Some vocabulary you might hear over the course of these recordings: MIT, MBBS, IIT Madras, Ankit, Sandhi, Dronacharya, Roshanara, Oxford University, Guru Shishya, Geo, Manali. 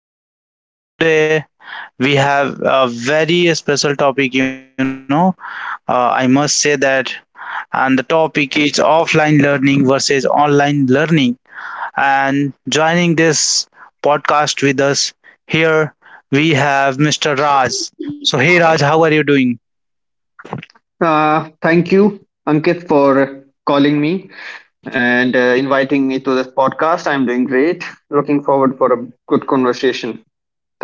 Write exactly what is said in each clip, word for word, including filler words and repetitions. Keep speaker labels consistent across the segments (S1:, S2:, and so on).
S1: good. And today we have a very special topic. You know, uh, I must say that, and The topic is offline learning versus online learning. And joining this podcast with us here, we have mister Raj. So hey Raj, how are you doing?
S2: Uh, thank you, Ankit, for calling me and uh, inviting me to this podcast. I'm doing great. Looking forward for a good conversation.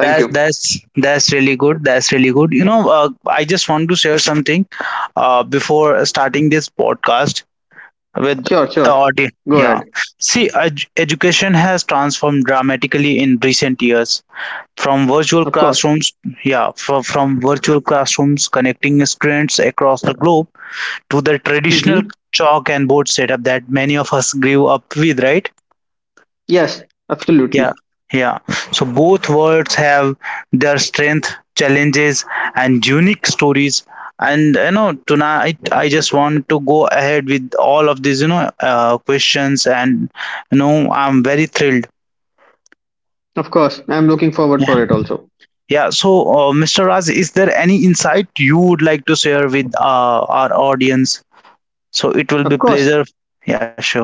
S2: Thank you.
S1: that's that's really good. That's really good. You know, uh, I just want to share something uh, before starting this podcast with
S2: Sure,
S1: the
S2: sure.
S1: audience.
S2: Go ahead.
S1: Yeah. See, ed- education has transformed dramatically in recent years. From virtual
S2: Of course.
S1: classrooms, yeah, fro- from virtual classrooms connecting students across the globe to the traditional
S2: Mm-hmm.
S1: chalk and board setup that many of us grew up with, right?
S2: Yes,
S1: Yeah,
S2: absolutely.
S1: yeah. So both worlds have their strength, challenges, and unique stories. And you know, tonight I just want to go ahead with all of these, you know, uh, questions, and you know, I'm very thrilled.
S2: Of course. I'm looking forward
S1: Yeah,
S2: for it also.
S1: yeah. So, uh, mister Raj, is there any insight you would like to share with uh, our audience? So it will
S2: Of
S1: be
S2: course.
S1: pleasure. Yeah, sure.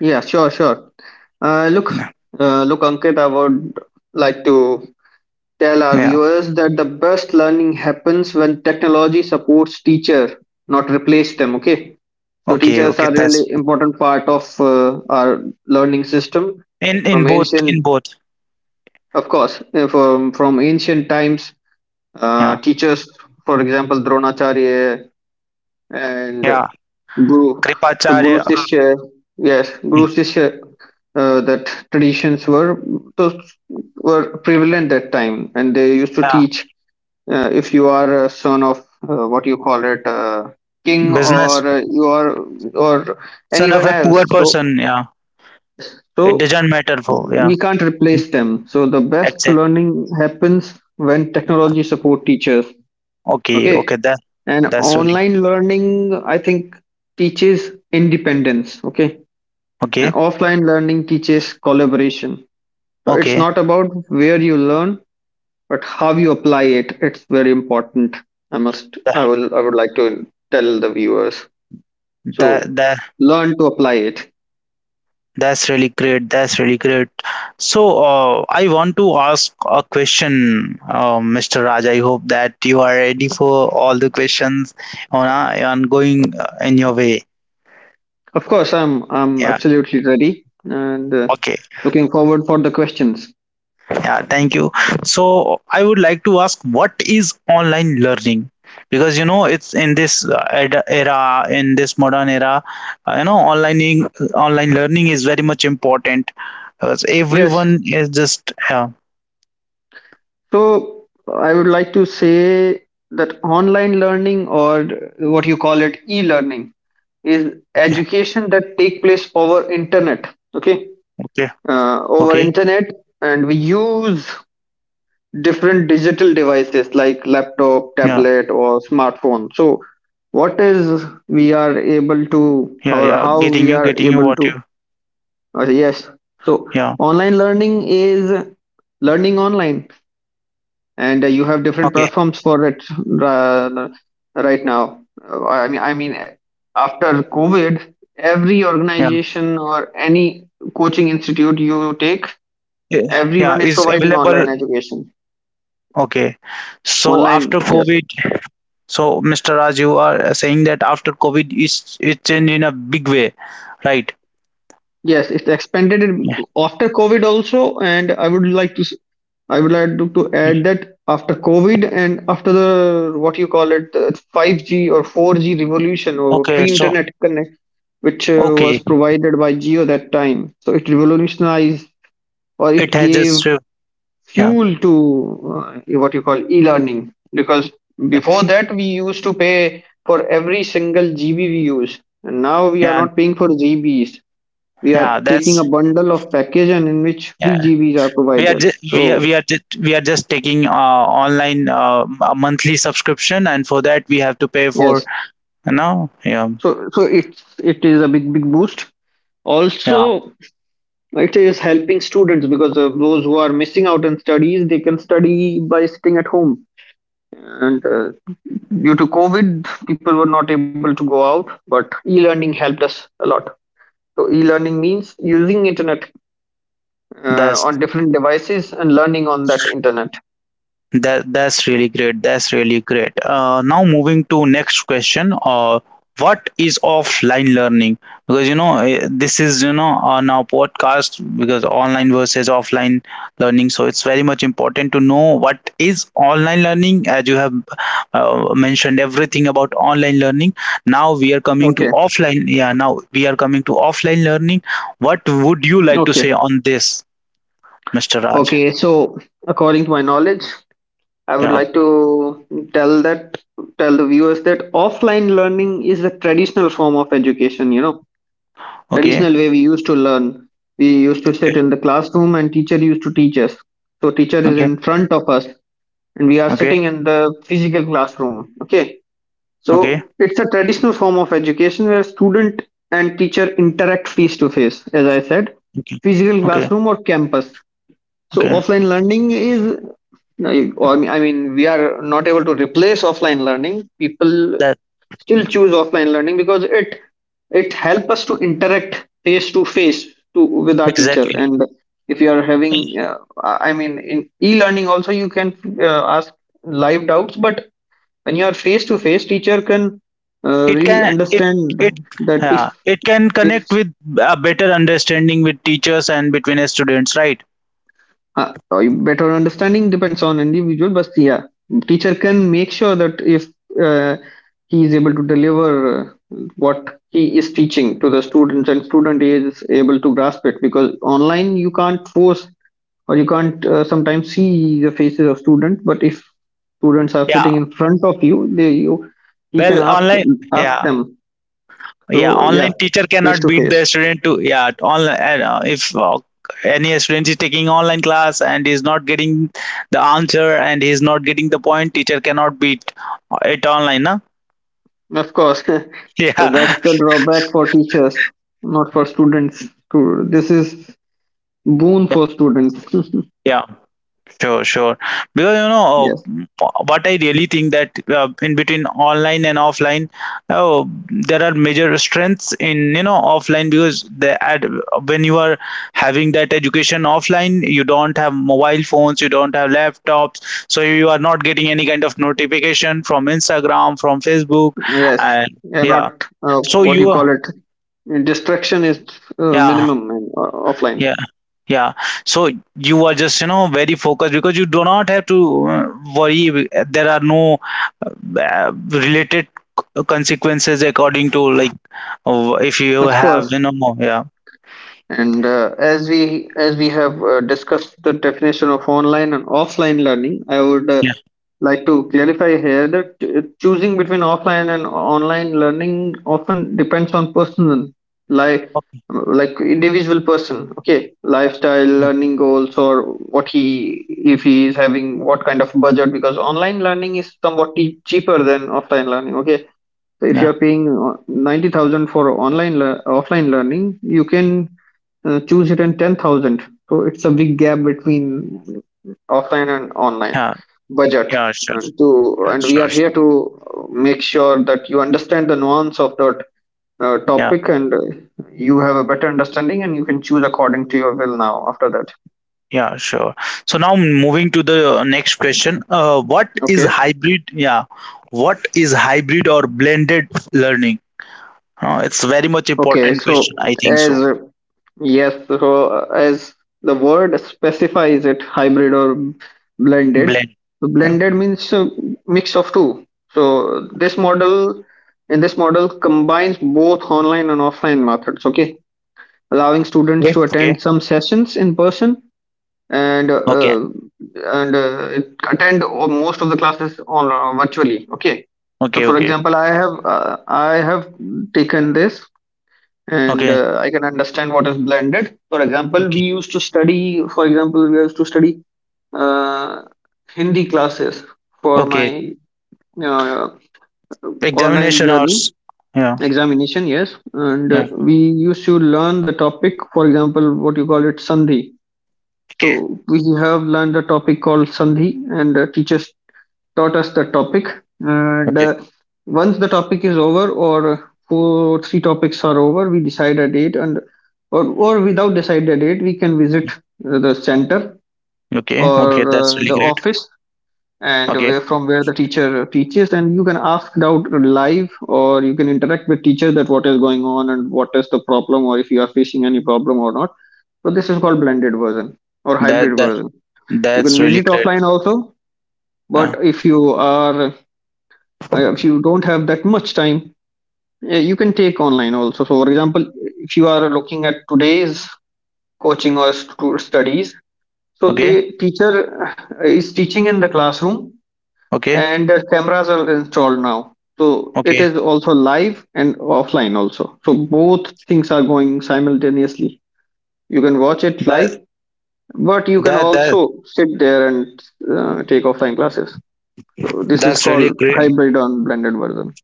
S2: Yeah, sure, sure. Uh,
S1: Yeah,
S2: look, uh, Look, Ankit, I would like to tell our
S1: yeah.
S2: viewers that the best learning happens when technology supports teacher, not replace them. Okay. So
S1: Okay,
S2: teachers
S1: okay.
S2: are
S1: That's
S2: really important part of uh, our learning system.
S1: in in
S2: From
S1: both
S2: ancient,
S1: in both.
S2: of course, uh, from from ancient times, uh,
S1: Yeah,
S2: teachers, for example, Dronacharya and
S1: yeah.
S2: Guru, so Guru
S1: Kripacharya.
S2: Shishya, yes, Guru Shishya, uh, that traditions were, those were prevalent that time, and they used to
S1: Yeah.
S2: teach. Uh, if you are a son of uh, what do you call it, uh, king, or
S1: Business.
S2: uh you are or
S1: Son of
S2: anyone
S1: a poor
S2: else, so
S1: person, yeah. It
S2: so
S1: doesn't matter for yeah.
S2: we can't replace them. So the best
S1: Exact.
S2: learning happens when technology support teachers.
S1: Okay,
S2: Okay.
S1: okay, that
S2: And
S1: that's really
S2: online learning, I think, teaches independence. Okay. And
S1: okay.
S2: offline learning teaches collaboration. So it's
S1: Okay.
S2: not about where you learn, but how you apply it. It's very important. I must,
S1: That,
S2: I will, I would like to tell the viewers. So
S1: that that
S2: learn to apply it.
S1: that's really great. That's really great. So uh, I want to ask a question, uh, mister Raj. I hope that you are ready for all the questions on uh, on going uh, in your way.
S2: Of course, I'm I'm
S1: Yeah.
S2: absolutely ready and uh,
S1: Okay.
S2: looking forward for the questions.
S1: Yeah, thank you. So I would like to ask, what is online learning? Because you know It's in this uh, ed- era, in this modern era, uh, you know online ing- online learning is very much important. Because
S2: Yes,
S1: everyone is just yeah,
S2: so I would like to say that online learning, or what you call it e-learning, is
S1: okay,
S2: education that take place over internet. Okay,
S1: okay,
S2: uh,
S1: okay,
S2: over internet, and we use different digital devices like laptop,
S1: yeah,
S2: tablet, or smartphone. So, what is we are able
S1: yeah, yeah.
S2: to
S1: Getting you,
S2: or
S1: getting
S2: how
S1: you,
S2: we
S1: what
S2: are
S1: you,
S2: able to. Uh, yes.
S1: yeah,
S2: So online learning is learning online, and uh, you have
S1: okay,
S2: different platforms for it uh, right now. Uh, I mean, I mean, uh, After COVID, every
S1: yeah,
S2: organization or any coaching institute you take,
S1: yeah, yeah,
S2: everyone is
S1: is
S2: providing
S1: available.
S2: online education.
S1: Okay, so after
S2: Online, yes.
S1: COVID. So, mister Raj, you are saying that after COVID, it's it changed in a big way, right?
S2: Yes, it expanded in-
S1: Yeah.
S2: after COVID also, and I would like to s- I would like to, to add that after COVID and after the what you call it the five G or four G revolution or
S1: Okay. So,
S2: pre-internet connect, which uh, was
S1: okay,
S2: provided by Geo that time. So it revolutionized or it
S1: it has
S2: gave
S1: just shift- yeah,
S2: fuel to uh, what you call e-learning because before that we used to pay for every single G B we use, and now we are
S1: yeah,
S2: not paying for G Bs, we are
S1: yeah.
S2: taking a
S1: That's
S2: bundle of package and in which free
S1: yeah.
S2: G Bs are
S1: We are
S2: provided.
S1: just we are
S2: So
S1: we are just we are just taking uh online uh m- a monthly subscription, and for that we have to pay for
S2: yes,
S1: you know yeah
S2: so so it's it is a big big boost.
S1: yeah.
S2: Also, it is helping students because of those who are missing out on studies, they can study by sitting at home. And uh, due to COVID, people were not able to go out, but e-learning helped us a lot. So e-learning means using internet uh,
S1: That's
S2: on different devices and learning on that internet.
S1: That that's really great. That's really great. Uh, now moving to next question. Uh, what is offline learning? Because you know eh, This is you know on our podcast because online versus offline learning. So it's very much important to know what is online learning. As you have uh, mentioned everything about online learning. Now we are coming to
S2: Okay,
S1: offline. Yeah, now we are coming to offline learning. What would you like to
S2: okay.
S1: say on this, mister Raj?
S2: Okay, so according to my knowledge, I would
S1: Yeah.
S2: like to tell that tell the viewers that offline learning is a traditional form of education, you know,
S1: Okay.
S2: traditional way we used to learn. We used to
S1: Okay.
S2: sit in the classroom and teacher used to teach us. So teacher is
S1: Okay.
S2: in front of us and we are
S1: Okay.
S2: sitting in the physical classroom. Okay.
S1: Okay,
S2: So it's a traditional form of education where student and teacher interact face to face, as I said,
S1: okay,
S2: physical
S1: okay,
S2: classroom or campus. So
S1: okay.
S2: offline learning is, no, you- I mean, I mean, we are not able to replace offline learning. People
S1: That
S2: still choose offline learning because it it helps us to interact face to face to, with our teacher.
S1: exactly.
S2: And if you are having, uh, I I mean, in e-learning also you can uh, ask live doubts, but when you are face to face, teacher can uh,
S1: It
S2: really
S1: can it
S2: understand
S1: it
S2: that if
S1: yeah, it can
S2: if.
S1: connect with a better understanding with teachers and between the students, right?
S2: Uh, uh, Better understanding depends on individual, but yeah, teacher can make sure that if uh, he is able to deliver uh, what he is teaching to the students and student is able to grasp it, because online you can't force or you can't uh, sometimes see the faces of students, but if students are sitting
S1: Yeah.
S2: in front of you they you he can
S1: Well,
S2: ask,
S1: online
S2: ask
S1: yeah.
S2: them.
S1: Yeah
S2: So yeah,
S1: online teacher
S2: face
S1: cannot
S2: to
S1: beat the
S2: face.
S1: student to yeah online uh, if uh, any student is taking online class and is not getting the answer and he is not getting the point, teacher cannot beat it online na?
S2: Of course. So that's
S1: yeah
S2: the drawback for teachers, not for students. To- This is boon
S1: yeah
S2: for students.
S1: yeah. Sure, sure. Because you know
S2: Yes.
S1: uh, What I really think that uh, in between online and offline, uh, there are major strengths in you know offline because the ad, when you are having that education offline, you don't have mobile phones, you don't have laptops, so you are not getting any kind of notification from Instagram, from Facebook,
S2: Yes.
S1: and
S2: They're
S1: yeah,
S2: not, uh,
S1: so
S2: what do you
S1: you are
S2: call it? Distraction is uh,
S1: yeah.
S2: minimum in, uh, offline.
S1: Yeah, yeah. So you are just, you know, very focused because you do not have to uh, worry. There are no uh, related consequences according to like uh, if you
S2: Of
S1: have
S2: course.
S1: you know more- yeah
S2: And uh, as we as we have uh, discussed the definition of online and offline learning, I would uh,
S1: yeah
S2: like to clarify here that uh, choosing between offline and online learning often depends on personal, like
S1: okay.
S2: like individual person, okay, lifestyle, learning goals, or what he, if he is having, what kind of budget, because online learning is somewhat tea- cheaper than offline learning. Okay, so if you
S1: Yeah
S2: are paying uh, ninety thousand for online lear- offline learning you can uh, choose it in ten thousand. So it's a big gap between offline and online
S1: yeah
S2: budget.
S1: yeah sure
S2: And to,
S1: yeah,
S2: and we
S1: sure
S2: are
S1: sure
S2: here to make sure that you understand the nuance of that uh,
S1: yeah
S2: topic, and uh, you have a better understanding and you can choose according to your will now after that.
S1: yeah sure. So now moving to the next question, uh, what is
S2: Okay.
S1: hybrid yeah what is hybrid or blended learning? Uh, it's very much
S2: Okay.
S1: important question
S2: So
S1: I think. So
S2: as, yes, so uh, as the word specifies it, hybrid or blended.
S1: blend
S2: So
S1: yeah.
S2: blended means uh, mix of two. So this model, in this model, combines both online and offline methods. Okay, allowing students to
S1: Yes. Okay
S2: attend some sessions in person and
S1: okay
S2: uh, and uh, attend all- most of the classes on uh, virtually. Okay, so
S1: okay
S2: for
S1: okay
S2: example, I have uh, I have taken this and
S1: okay
S2: uh, I can understand what is blended. For example, we
S1: okay
S2: used to study, for example, we used to study uh, Hindi classes for
S1: okay
S2: my uh, online
S1: examination
S2: journey
S1: hours yeah
S2: examination, yes, and
S1: yeah
S2: uh, we used to learn the topic, for example, what you call it, Sandhi.
S1: okay
S2: So we have learned a topic called Sandhi, and uh, teachers taught us the topic and
S1: okay.
S2: uh, once the topic is over, or four three topics are over, we decide a date and, or, or without decide a date we can visit uh, the center
S1: Okay,
S2: or
S1: okay, that's
S2: uh,
S1: really
S2: the
S1: great.
S2: office and
S1: Okay,
S2: where, from where the teacher teaches, and you can ask out live or you can interact with teacher that what is going on and what is the problem or if you are facing any problem or not. So this is called blended version or hybrid
S1: that that
S2: version. You can
S1: that's really
S2: visit
S1: great.
S2: offline also, but
S1: Uh,
S2: if you are uh, if you don't have that much time, uh, you can take online also. So for example, if you are looking at today's coaching or stu- studies, so the
S1: okay,
S2: teacher uh, is teaching in the classroom
S1: okay,
S2: and the cameras are installed now, so
S1: okay.
S2: it is also live and offline also, so both things are going simultaneously. You can watch it
S1: That
S2: live but you can
S1: that that
S2: also sit there and uh, take offline classes. So this
S1: that's
S2: is
S1: really
S2: called
S1: great.
S2: hybrid on blended version.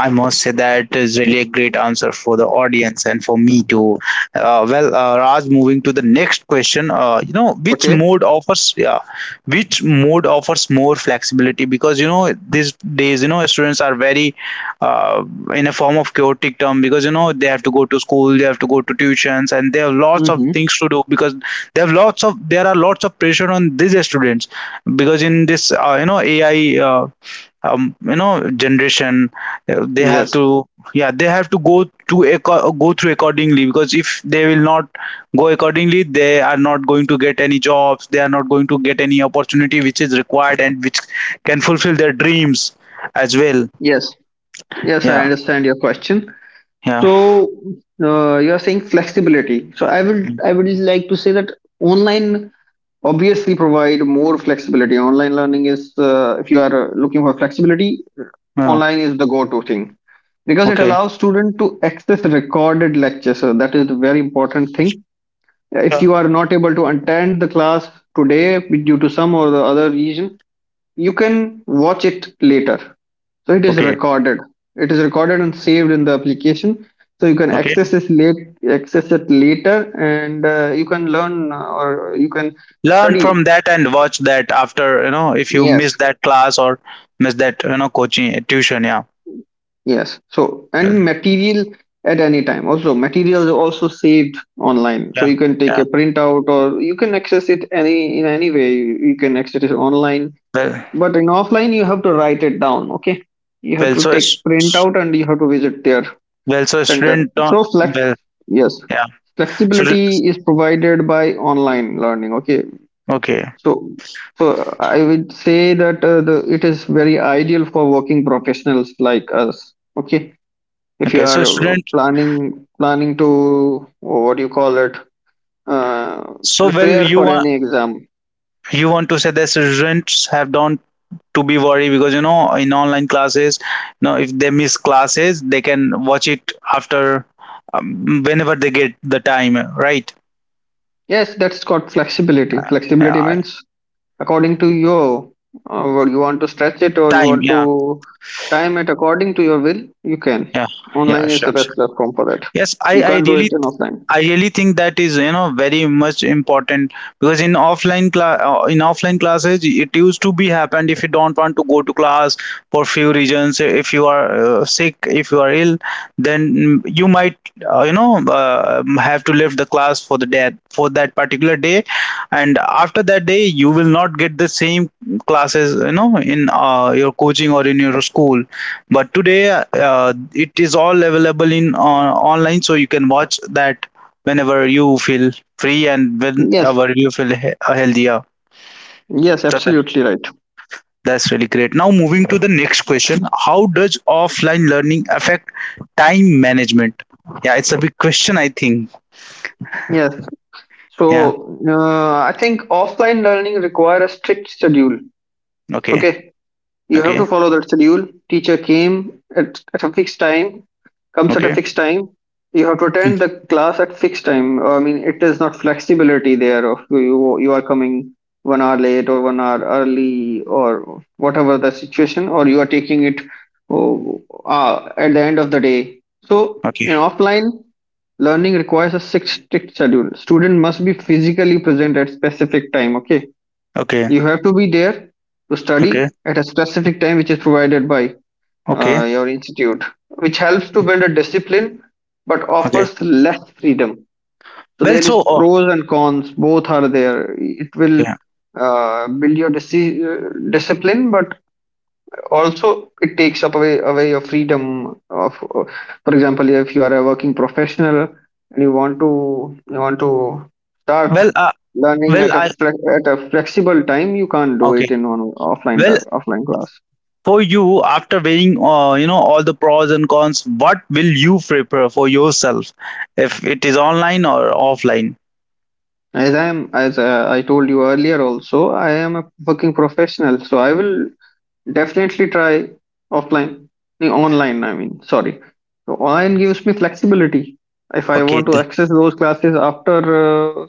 S1: I must say that is really a great answer for the audience and for me too. Uh, well, uh, Raj, moving to the next question, uh, you know, which
S2: Okay.
S1: mode offers, yeah, which mode offers more flexibility? Because you know, these days, you know, students are very uh, in a form of chaotic term because you know they have to go to school, they have to go to tuitions, and they have lots of
S2: Hmm.
S1: things to do because they have lots of there are lots of pressure on these students because in this uh, you know A I. Uh, um, you know generation uh, they have
S2: Yes.
S1: to yeah they have to go to acco- go through accordingly because if they will not go accordingly, they are not going to get any jobs, they are not going to get any opportunity which is required and which can fulfill their dreams as well.
S2: Yes, yes, I
S1: Yeah
S2: understand your question.
S1: yeah
S2: So uh, you are saying flexibility. So I will, I would like to say that online obviously provide more flexibility. Online learning is, uh, if you are uh, looking for flexibility,
S1: yeah
S2: online is the go-to thing, because it
S1: okay.
S2: allows student to access recorded lectures. So that is a very important thing. If
S1: Yeah.
S2: you are not able to attend the class today due to some or the other reason, you can watch it later, so it is
S1: Okay
S2: recorded. It is recorded and saved in the application. So you can
S1: okay.
S2: access it late, access it later, and uh, you can learn uh, or you can
S1: Learn
S2: study.
S1: from that and watch that after you know if you miss
S2: Yes,
S1: that class or miss that you know coaching tuition yeah
S2: yes. So and
S1: well,
S2: material at any time. Also, materials are also saved online. So
S1: yeah
S2: you can take a
S1: yeah
S2: printout or you can access it any in any way. You, you can access it online,
S1: well
S2: but in offline you have to write it down. Okay, you have
S1: well
S2: to
S1: so
S2: take
S1: it's.
S2: printout and you have to visit there.
S1: Well, so
S2: Center.
S1: student don't,
S2: So flex,
S1: well,
S2: yes,
S1: yeah. So
S2: flexibility is provided by online learning. Okay,
S1: okay,
S2: so so I would say that uh, the it is very ideal for working professionals like us. Okay, if you
S1: okay. So
S2: are
S1: student,
S2: planning planning to, oh, what do you call it, uh,
S1: so well,
S2: prepare
S1: you
S2: for
S1: want
S2: any exam.
S1: you want to say that students have don't to be worried because you know in online classes, now if they miss classes, they can watch it after um, whenever they get the time, right?
S2: Yes, that's called flexibility. Flexibility
S1: Yeah,
S2: means according to your, uh, what you want to stretch it or you
S1: time.
S2: want
S1: Yeah,
S2: to time it according to your will, you can,
S1: yeah, yeah.
S2: online is
S1: Sure,
S2: the best
S1: sure.
S2: platform for that,
S1: Yes, I
S2: you
S1: I
S2: can't do it
S1: really
S2: in offline.
S1: I really think that is you know very much important because in offline class uh, in offline classes, it used to be happened if you don't want to go to class for few reasons, if you are uh, sick, if you are ill, then you might uh, you know uh, have to leave the class for the day, for that particular day, and after that day you will not get the same classes you know in uh, your coaching or in your school, but today uh, it is all available in uh, online, so you can watch that whenever you feel free and
S2: Yes,
S1: whenever you feel he- uh, healthier.
S2: yes,
S1: So tha-
S2: absolutely right.
S1: that's really great. Now, moving to the next question, how does offline learning affect time management? Yeah, it's a big question, I think.
S2: Yes, so
S1: Yeah,
S2: uh, I think offline learning require a strict schedule.
S1: okay,
S2: Okay, you have to
S1: okay,
S2: follow that schedule. Teacher came at, at a fixed time, comes at a
S1: okay,
S2: fixed time. You have to attend the class at fixed time. Uh, I mean, it is not flexibility there, of you, you you are coming one hour late or one hour early or whatever the situation, or you are taking it oh, uh, at the end of the day. So
S1: okay,
S2: in offline, learning requires a six strict schedule. Student must be physically present at specific time. Okay,
S1: okay,
S2: you have to be there to
S1: okay,
S2: study at a specific time, which is provided by
S1: okay,
S2: uh, your institute, which helps to build a discipline but
S1: okay.
S2: offers less freedom. So
S1: Well,
S2: there is
S1: so, oh,
S2: pros and cons, both are there. It will
S1: okay.
S2: uh, build your disi- uh, discipline, but also it takes up away away your freedom. Of for example, if you are a working professional and you want to you want to start
S1: Well, uh,
S2: learning
S1: well,
S2: at a
S1: I,
S2: fle- at a flexible time. You can't do
S1: okay.
S2: it in one offline
S1: Well,
S2: time, offline class.
S1: for you, after weighing, uh, you know, all the pros and cons, what will you prefer for yourself? If it is online or offline.
S2: As i am as uh, i told you earlier also, I am a working professional, so I will definitely try offline. The online i mean sorry, so online gives me flexibility if I
S1: Okay.
S2: want to
S1: th-
S2: access those classes after. uh,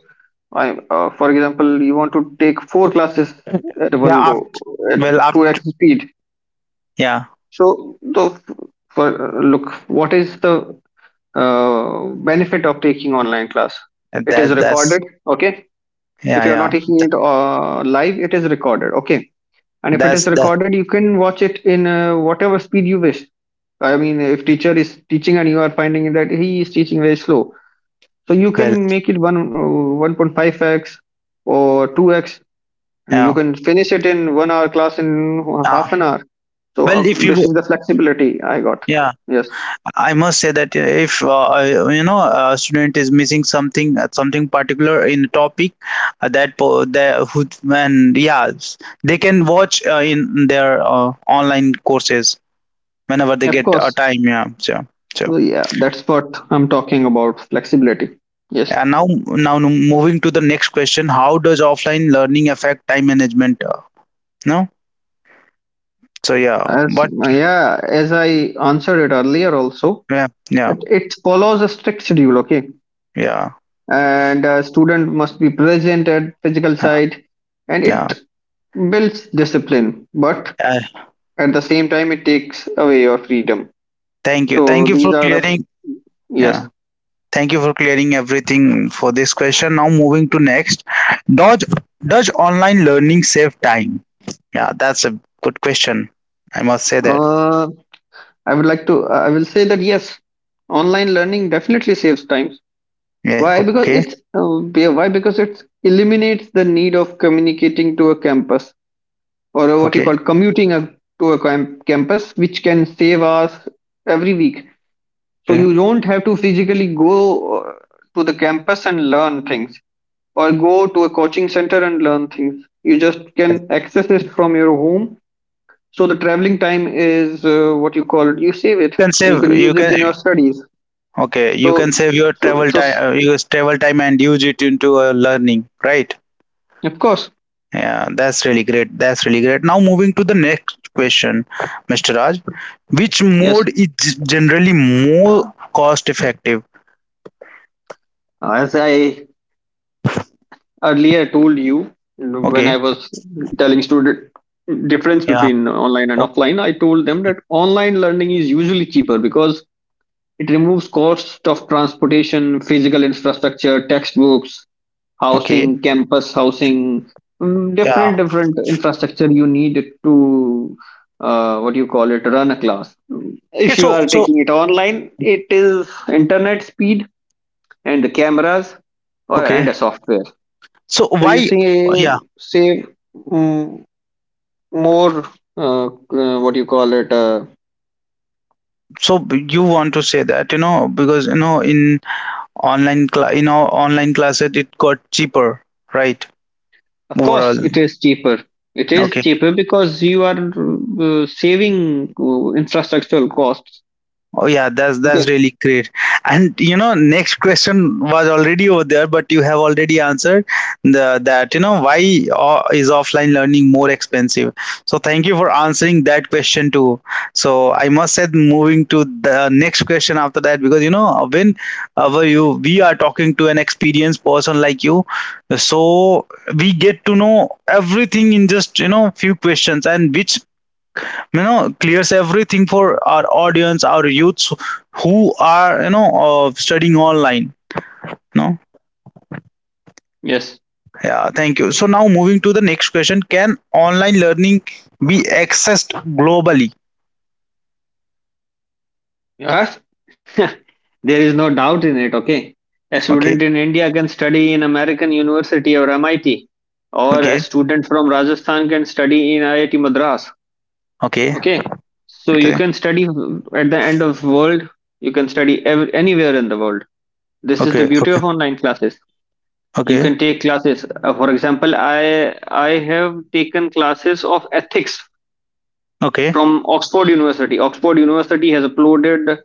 S2: I, uh, for example, you want to take four classes at one
S1: yeah.
S2: go
S1: After,
S2: at
S1: well. After,
S2: two x speed.
S1: yeah.
S2: So, the, for, uh, Look, what is the uh, benefit of taking online class? It is
S1: That's that's
S2: recorded, okay? If
S1: yeah
S2: you are
S1: yeah.
S2: not taking it uh, live, it is recorded, okay? And if it is
S1: That's that.
S2: recorded, you can watch it in uh, whatever speed you wish. I mean, if teacher is teaching and you are finding that he is teaching very slow, so you
S1: Well.
S2: can make it one uh, one point five x or two x and you
S1: Yeah.
S2: can finish it in one hour class in
S1: Uh,
S2: half an hour. So
S1: well,
S2: uh,
S1: if you
S2: this is the flexibility I got,
S1: yeah,
S2: yes,
S1: I must say that uh, if uh, I- you know a student is missing something uh, something particular in topic uh, that po- that who and yeah s- they can watch uh, in their uh, online courses whenever they
S2: of
S1: get a
S2: course.
S1: time. Yeah. So so.
S2: Well, yeah, that's what I'm talking about, flexibility, yes.
S1: And now, now moving to the next question: how does offline learning affect time management? Uh, no. So yeah,
S2: as
S1: but
S2: yeah as i answered it earlier also,
S1: yeah,
S2: that
S1: yeah,
S2: it follows a strict schedule, okay,
S1: yeah,
S2: and a student must be present at physical
S1: uh,
S2: side and
S1: yeah.
S2: it builds discipline, but
S1: Uh,
S2: at the same time it takes away your freedom.
S1: thank you,
S2: So
S1: thank you
S2: these
S1: for
S2: are the,
S1: clearing. Yeah,
S2: yes.
S1: thank you for clearing everything for this question. Now moving to next, does does online learning save time? Yeah, that's a good question. I must say that.
S2: Uh, I would like to, uh, I will say that yes, online learning definitely saves time.
S1: Yeah.
S2: Why?
S1: Okay.
S2: Because it's uh, be- why? Because it eliminates the need of communicating to a campus, or what you
S1: Okay.
S2: call commuting a, to a cam- campus, which can save us every week. So
S1: Okay.
S2: you don't have to physically go uh, to the campus and learn things, or go to a coaching center and learn things. You just
S1: You
S2: can access it from your home. So the traveling time is uh, what you call, you save it
S1: can
S2: and you
S1: save.
S2: can use
S1: You
S2: it
S1: can.
S2: in your studies.
S1: Okay. You can
S2: So,
S1: save your
S2: so,
S1: travel
S2: so,
S1: time.
S2: s-
S1: Uh, your travel time and use it into uh, learning. Right.
S2: of course,
S1: Yeah, that's really great. That's really great. Now moving to the next question, mister Raj. Which
S2: yes.
S1: mode is generally more cost effective?
S2: As I earlier told you, when
S1: Okay.
S2: I was telling student difference
S1: Yeah.
S2: between online and
S1: O-
S2: offline, I told them that online learning is usually cheaper because it removes cost of transportation, physical infrastructure, textbooks,
S1: Okay.
S2: housing, campus housing, mm,
S1: Yeah.
S2: different different infrastructure you need to uh, what do you call it, run a class.
S1: Okay.
S2: If you
S1: So,
S2: are
S1: so,
S2: taking it online, it is internet speed and the cameras, or
S1: okay.
S2: and a software.
S1: So
S2: So you
S1: why?
S2: see,
S1: Yeah.
S2: save, mm, more uh, uh, what you call it, uh,
S1: So you want to say that, you know, because, you know, in online class, you know, online classes, it got cheaper, right?
S2: of
S1: Overall.
S2: course it is cheaper. It is
S1: Okay.
S2: cheaper because you are uh, saving uh, infrastructural costs,
S1: Oh yeah, that's that's
S2: okay,
S1: really great. And you know, next question was already over there, but you have already answered the that you know why o- is offline learning more expensive. So thank you for answering that question too. So I must say, moving to the next question after that, because you know when our you we are talking to an experienced person like you, so we get to know everything in just you know few questions, and which you know clears everything for our audience, our youths who are you know uh, studying online no
S2: yes,
S1: yeah. Thank you. So now moving to the next question, can online learning be accessed globally?
S2: yes. There is no doubt in it, okay. A
S1: Okay
S2: student in India can study in American university or M I T, or
S1: okay
S2: a student from Rajasthan can study in I I T Madras.
S1: okay
S2: Okay, so you
S1: okay
S2: can study at the end of world. You can study ev- anywhere in the world. This is the
S1: okay
S2: beauty
S1: okay
S2: of online classes. You
S1: okay
S2: can take classes. Uh, for example, I I have taken classes of ethics
S1: okay
S2: from Oxford University. Oxford University has uploaded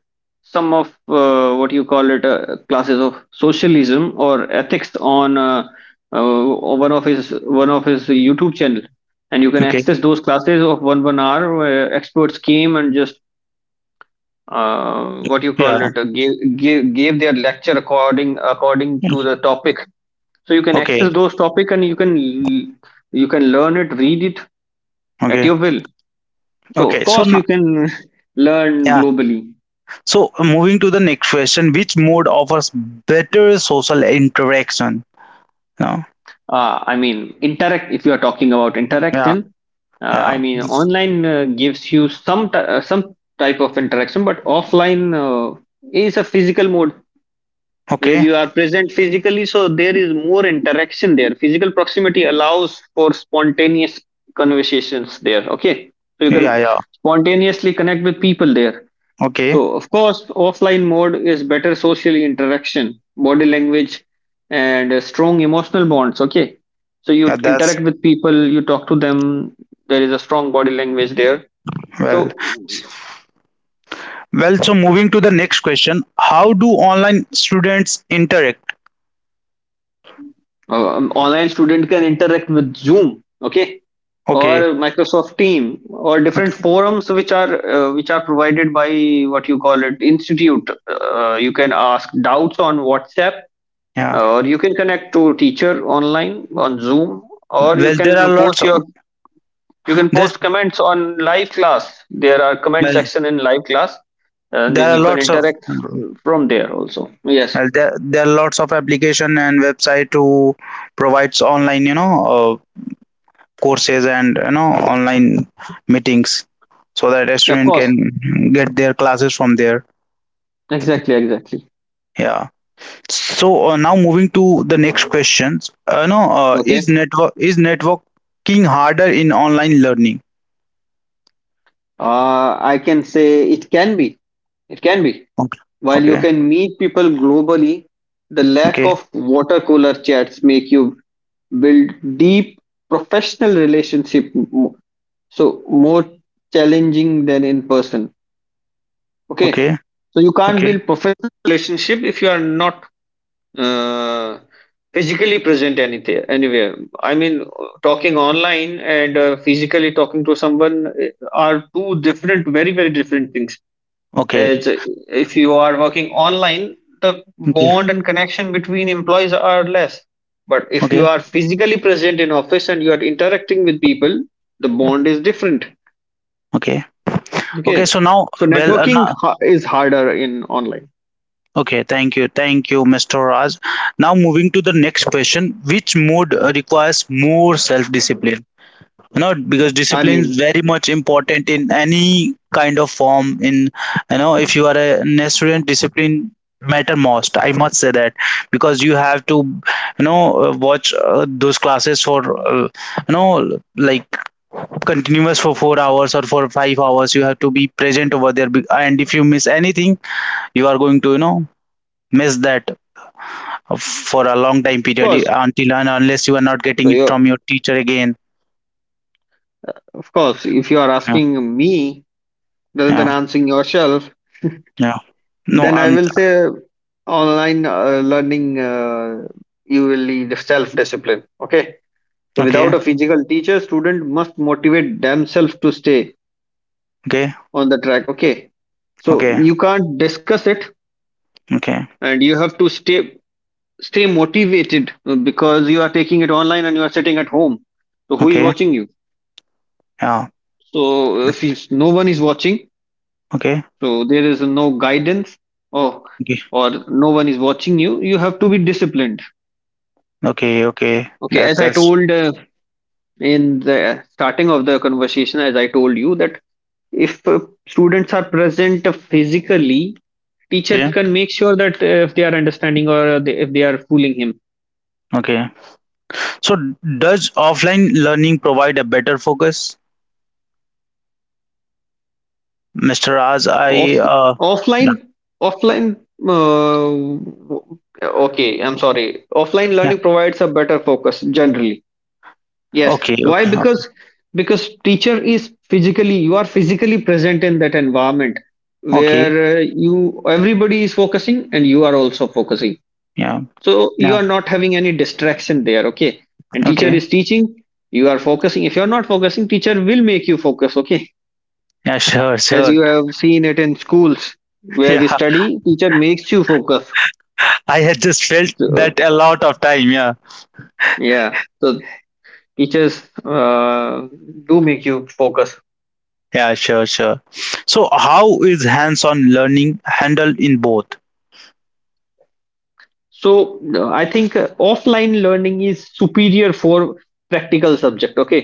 S2: some of uh, what you call it, uh, classes of socialism or ethics on uh, uh, one of his one of his YouTube channel, and you can
S1: okay
S2: access those classes of one one hour where experts came and just uh, what you
S1: yeah
S2: call it, uh, gave, gave gave their lecture according according to the topic. So you can
S1: okay
S2: access those topic and you can you can learn it, read it at
S1: okay
S2: your will. So of
S1: okay. So
S2: course you
S1: now
S2: can learn
S1: yeah,
S2: globally.
S1: so moving to the next question, which mode offers better social interaction? No
S2: uh, I mean, interact, if you are talking about
S1: yeah
S2: interaction, uh, I
S1: yeah
S2: mean, online uh, gives you some t- uh, some type of interaction, but offline uh, is a physical mode where
S1: okay
S2: you are present physically, so there is more interaction there. Physical proximity allows for spontaneous conversations there, okay. So you
S1: yeah
S2: can
S1: yeah.
S2: spontaneously connect with people there.
S1: Okay,
S2: So of course offline mode is better social interaction, body language, and uh, strong emotional bonds, okay. So you
S1: yeah, that's
S2: interact with people, you talk to them, there is a strong body language there.
S1: well.
S2: So
S1: Well, so moving to the next question, how do online students interact?
S2: um, online student can interact with Zoom, okay, or
S1: Okay,
S2: Microsoft Team or
S1: okay,
S2: different forums which are uh, which are provided by what you call it institute. Uh, you can ask doubts on WhatsApp,
S1: yeah.
S2: uh, or you can connect to teacher online on Zoom, or you
S1: Well, there are
S2: can
S1: lots
S2: post your,
S1: of
S2: you can
S1: this.
S2: post comments on live class. There are comment
S1: Well,
S2: section in live class, and
S1: there
S2: then
S1: are
S2: you can
S1: lots of
S2: interact fr- from there also. Yes,
S1: well, there there are lots of application and website who provides online, you know, uh, courses and you know online meetings so that a
S2: of
S1: student can
S2: course,
S1: get their classes from there.
S2: exactly, exactly.
S1: Yeah. So uh, now moving to the next questions. Uh, no, uh,
S2: Okay,
S1: is network is networking harder in online learning?
S2: uh, I can say it can be, it can be.
S1: Okay,
S2: While
S1: okay,
S2: you can meet people globally, the
S1: okay,
S2: lack of water cooler chats make you build deep professional relationship mo- so more challenging than in person.
S1: okay,
S2: Okay. So you
S1: okay,
S2: can't build professional relationship if you are not uh, physically present anything anywhere. I mean, talking online and uh, physically talking to someone uh, are two different, very very different things.
S1: okay,
S2: It's, if you are working online, the
S1: okay,
S2: bond and connection between employees are less. But if
S1: okay,
S2: you are physically present in office and you are interacting with people, the bond is different.
S1: okay. Okay,
S2: Okay,
S1: so now,
S2: so
S1: well, uh,
S2: networking
S1: now,
S2: ha- is harder in online.
S1: okay, thank you, thank you, mister Raj. Now moving to the next question, which mode uh, requires more self-discipline? you know because
S2: I
S1: discipline is
S2: mean,
S1: very much important in any kind of form in you know if you are a, an student, discipline matter most, I must say that, because you have to you know uh, watch uh, those classes for uh, you know like continuous for four hours or for five hours. You have to be present over there be- and if you miss anything, you are going to you know miss that for a long time
S2: of
S1: period
S2: course.
S1: until and unless you are not
S2: So
S1: getting it
S2: you,
S1: from your teacher again.
S2: of course, if you are
S1: Yeah,
S2: asking me rather than
S1: yeah,
S2: answering yourself,
S1: yeah. no
S2: then I
S1: i'm
S2: will say online uh, learning. Uh, you will need self discipline. Okay. So without
S1: okay,
S2: a physical teacher, student must motivate themselves to stay
S1: okay,
S2: on the track. Okay. So
S1: okay,
S2: you can't discuss it
S1: okay,
S2: and you have to stay stay motivated uh, because you are taking it online and you are sitting at home. So who is
S1: okay,
S2: watching you?
S1: yeah,
S2: So if it's- no one is watching,
S1: okay,
S2: so there is no guidance or
S1: okay,
S2: or no one is watching you, you have to be disciplined.
S1: okay, okay.
S2: Okay,
S1: That's
S2: as I
S1: that's
S2: told uh, in the starting of the conversation, as I told you that if uh, students are present physically, teacher
S1: okay,
S2: can make sure that uh, if they are understanding or they, if they are fooling him.
S1: okay. So, does offline learning provide a better focus, mister Raz?
S2: Off
S1: I uh,
S2: offline
S1: yeah,
S2: offline uh, okay, I'm sorry, offline
S1: yeah,
S2: learning provides a better focus generally, yes.
S1: okay,
S2: Why?
S1: okay, okay,
S2: Because because teacher is physically, you are physically present in that environment
S1: okay,
S2: where uh, you, everybody is focusing and you are also focusing,
S1: yeah,
S2: so you
S1: yeah,
S2: are not having any distraction there, okay. And teacher
S1: okay,
S2: is teaching, you are focusing. If you are not focusing, teacher will make you focus, okay,
S1: yeah, sure,
S2: as
S1: sure.
S2: you have seen it in schools where
S1: Yeah,
S2: we study, teacher makes you focus.
S1: I had just felt that
S2: so,
S1: a lot of time. Yeah,
S2: yeah, so teachers uh, do make you focus.
S1: yeah, sure, sure. So, how is hands-on learning handled in both?
S2: So uh, I think uh, offline learning is superior for practical subject, okay.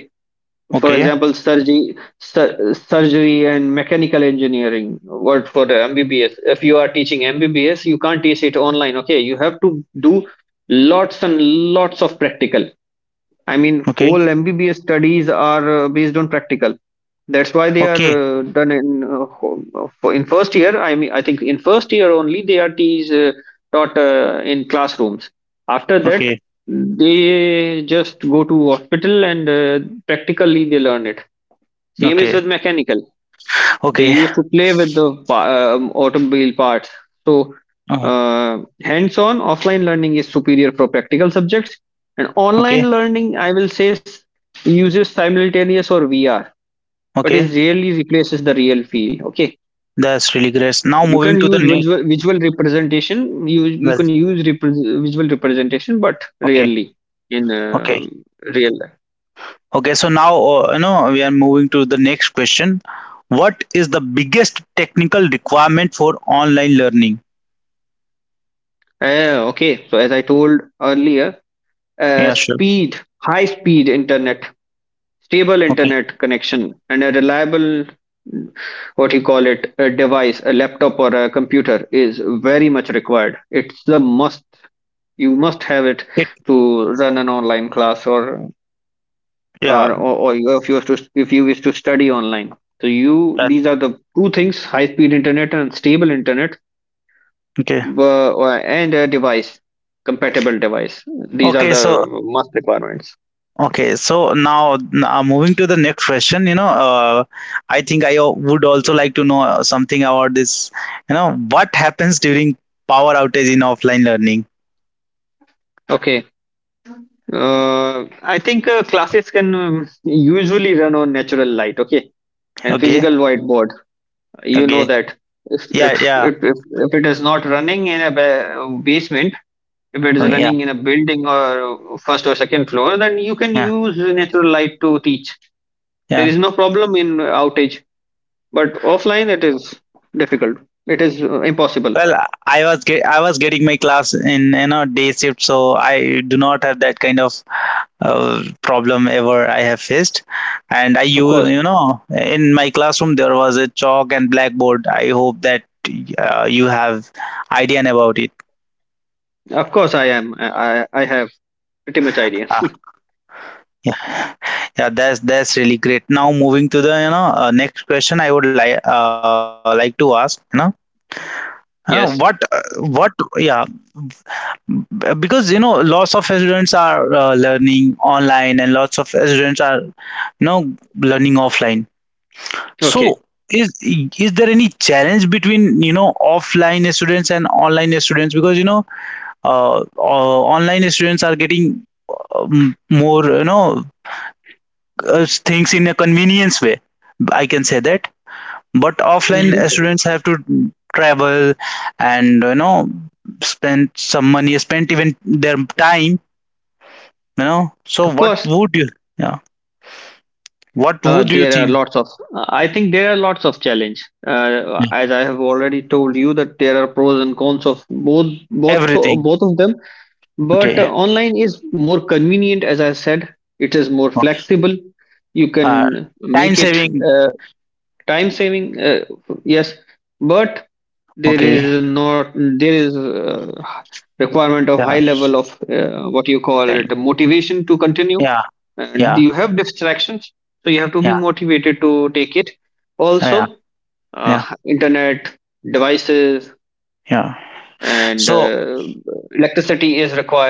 S2: For
S1: Okay,
S2: example, surgery, sur- surgery and mechanical engineering, what for the MBBS. If you are teaching MBBS, you can't teach it online, okay. You have to do lots and lots of practical. I mean,
S1: okay,
S2: whole M B B S studies are uh, based on practical. That's why they
S1: okay,
S2: are uh, done in uh, ho- for- in first year. I mean, I think in first year only they are teas, uh, taught uh, in classrooms. After that,
S1: okay.
S2: they just go to hospital and uh, practically they learn it. Same is
S1: Okay.
S2: with mechanical. They
S1: Okay.
S2: used to play with the pa- um, automobile parts. So,
S1: Uh,
S2: uh, hands on offline learning is superior for practical subjects, and
S1: okay.
S2: online learning, I will say, s- uses simultaneous or V R, but
S1: Okay.
S2: it rarely replaces the real feel. Okay.
S1: That's really great. Now
S2: You
S1: moving
S2: can
S1: to the
S2: use
S1: next.
S2: visual, visual representation. You you
S1: Well,
S2: can use repre- visual representation, but
S1: okay.
S2: rarely in
S1: Okay.
S2: uh, real life.
S1: Okay. So now, uh, you know, we are moving to the next question. What is the biggest technical requirement for online learning?
S2: Uh, okay, so as I told earlier, uh,
S1: Yeah, sure.
S2: speed, high speed internet, stable
S1: Okay.
S2: internet connection and a reliable what you call it, a device, a laptop or a computer is very much required. It's the must, you must have it
S1: It.
S2: to run an online class, or
S1: Yeah.
S2: or, or, or if you wish to, if you wish to study online. So you,
S1: that-
S2: these are the two things: high speed internet and stable internet
S1: okay.
S2: uh, and a device, compatible device. These are
S1: Okay.
S2: the
S1: So.
S2: must requirements,
S1: Okay, so now now moving to the next question, you know, uh, I think I uh, would also like to know uh, something about this. You know, what happens during power outage in offline learning?
S2: okay. Uh, I think uh, classes can um, usually run on natural light, okay, and
S1: Okay,
S2: physical whiteboard. You know
S1: okay.
S2: that if it
S1: Yeah,
S2: if,
S1: yeah,
S2: if, if it is not running in a ba- basement, if it is
S1: okay, yeah,
S2: running in a building or uh, first or second floor, then you can
S1: yeah,
S2: use natural light to teach. There
S1: yeah.
S2: is no problem in outage, but offline it is difficult. It is uh, impossible.
S1: Well, I I was get, I was getting my class in you know day shift, so I do not have that kind of uh, problem ever I have faced. And I
S2: Of
S1: you
S2: course,
S1: you know in my classroom there was a chalk and blackboard. I hope that uh, you have idea about it.
S2: of course, I am. I I I have pretty much idea.
S1: Ah, yeah, yeah, that's that's really great. Now moving to the you know uh, next question. I would like uh, like to ask you know. Uh, what uh,
S2: Yes.
S1: what yeah, because you know lots of students are uh, learning online and lots of students are you know learning offline, so
S2: Okay.
S1: is is there any challenge between you know offline students and online students? Because you know uh, uh, online students are getting um, more you know uh, things in a convenience way, I can say that, but offline
S2: Hmm.
S1: students have to travel and you know spend some money, spend even their time, you know. So
S2: Of
S1: what
S2: course.
S1: would you, yeah, what
S2: Uh,
S1: would you
S2: there are
S1: think?
S2: lots of, uh, I think there are lots of challenge. Uh,
S1: Yeah.
S2: as I have already told you that there are pros and cons of both, both,
S1: Everything
S2: both of them. But
S1: okay.
S2: uh, online is more convenient, as I said. It is more
S1: Okay.
S2: flexible. You
S1: uh,
S2: can
S1: Time
S2: make it.
S1: saving.
S2: Uh, time saving, uh, yes, but there is
S1: Okay,
S2: not, there is uh, requirement of high level of
S1: yeah,
S2: uh, what you call it,
S1: time,
S2: motivation to continue,
S1: yeah,
S2: and you have
S1: yeah,
S2: distractions, so you have to be motivated
S1: yeah,
S2: to take it also.
S1: yeah, yeah,
S2: uh,
S1: yeah,
S2: Internet, devices,
S1: yeah.
S2: and uh,
S1: So
S2: electricity is required,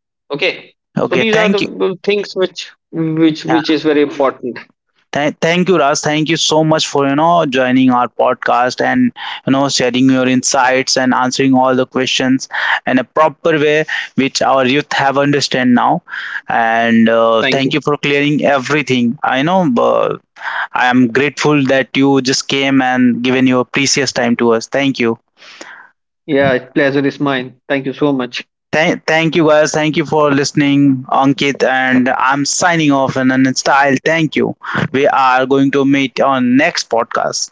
S2: okay. So these
S1: okay,
S2: are the
S1: thank you.
S2: uh, things which which which is
S1: Yeah.
S2: very important.
S1: Th- thank you, Raj. Thank you so much for you know joining our podcast and you know sharing your insights and answering all the questions in a proper way which our youth have understand now. And uh,
S2: Thank you.
S1: thank you for clearing everything, I know. uh, I am grateful that you just came and given your precious time to us. Thank you.
S2: Yeah, pleasure is mine, thank you so much.
S1: Thank, thank you, guys. Thank you for listening, Ankit, and I'm signing off in an style. Thank you. We are going to meet on next podcast.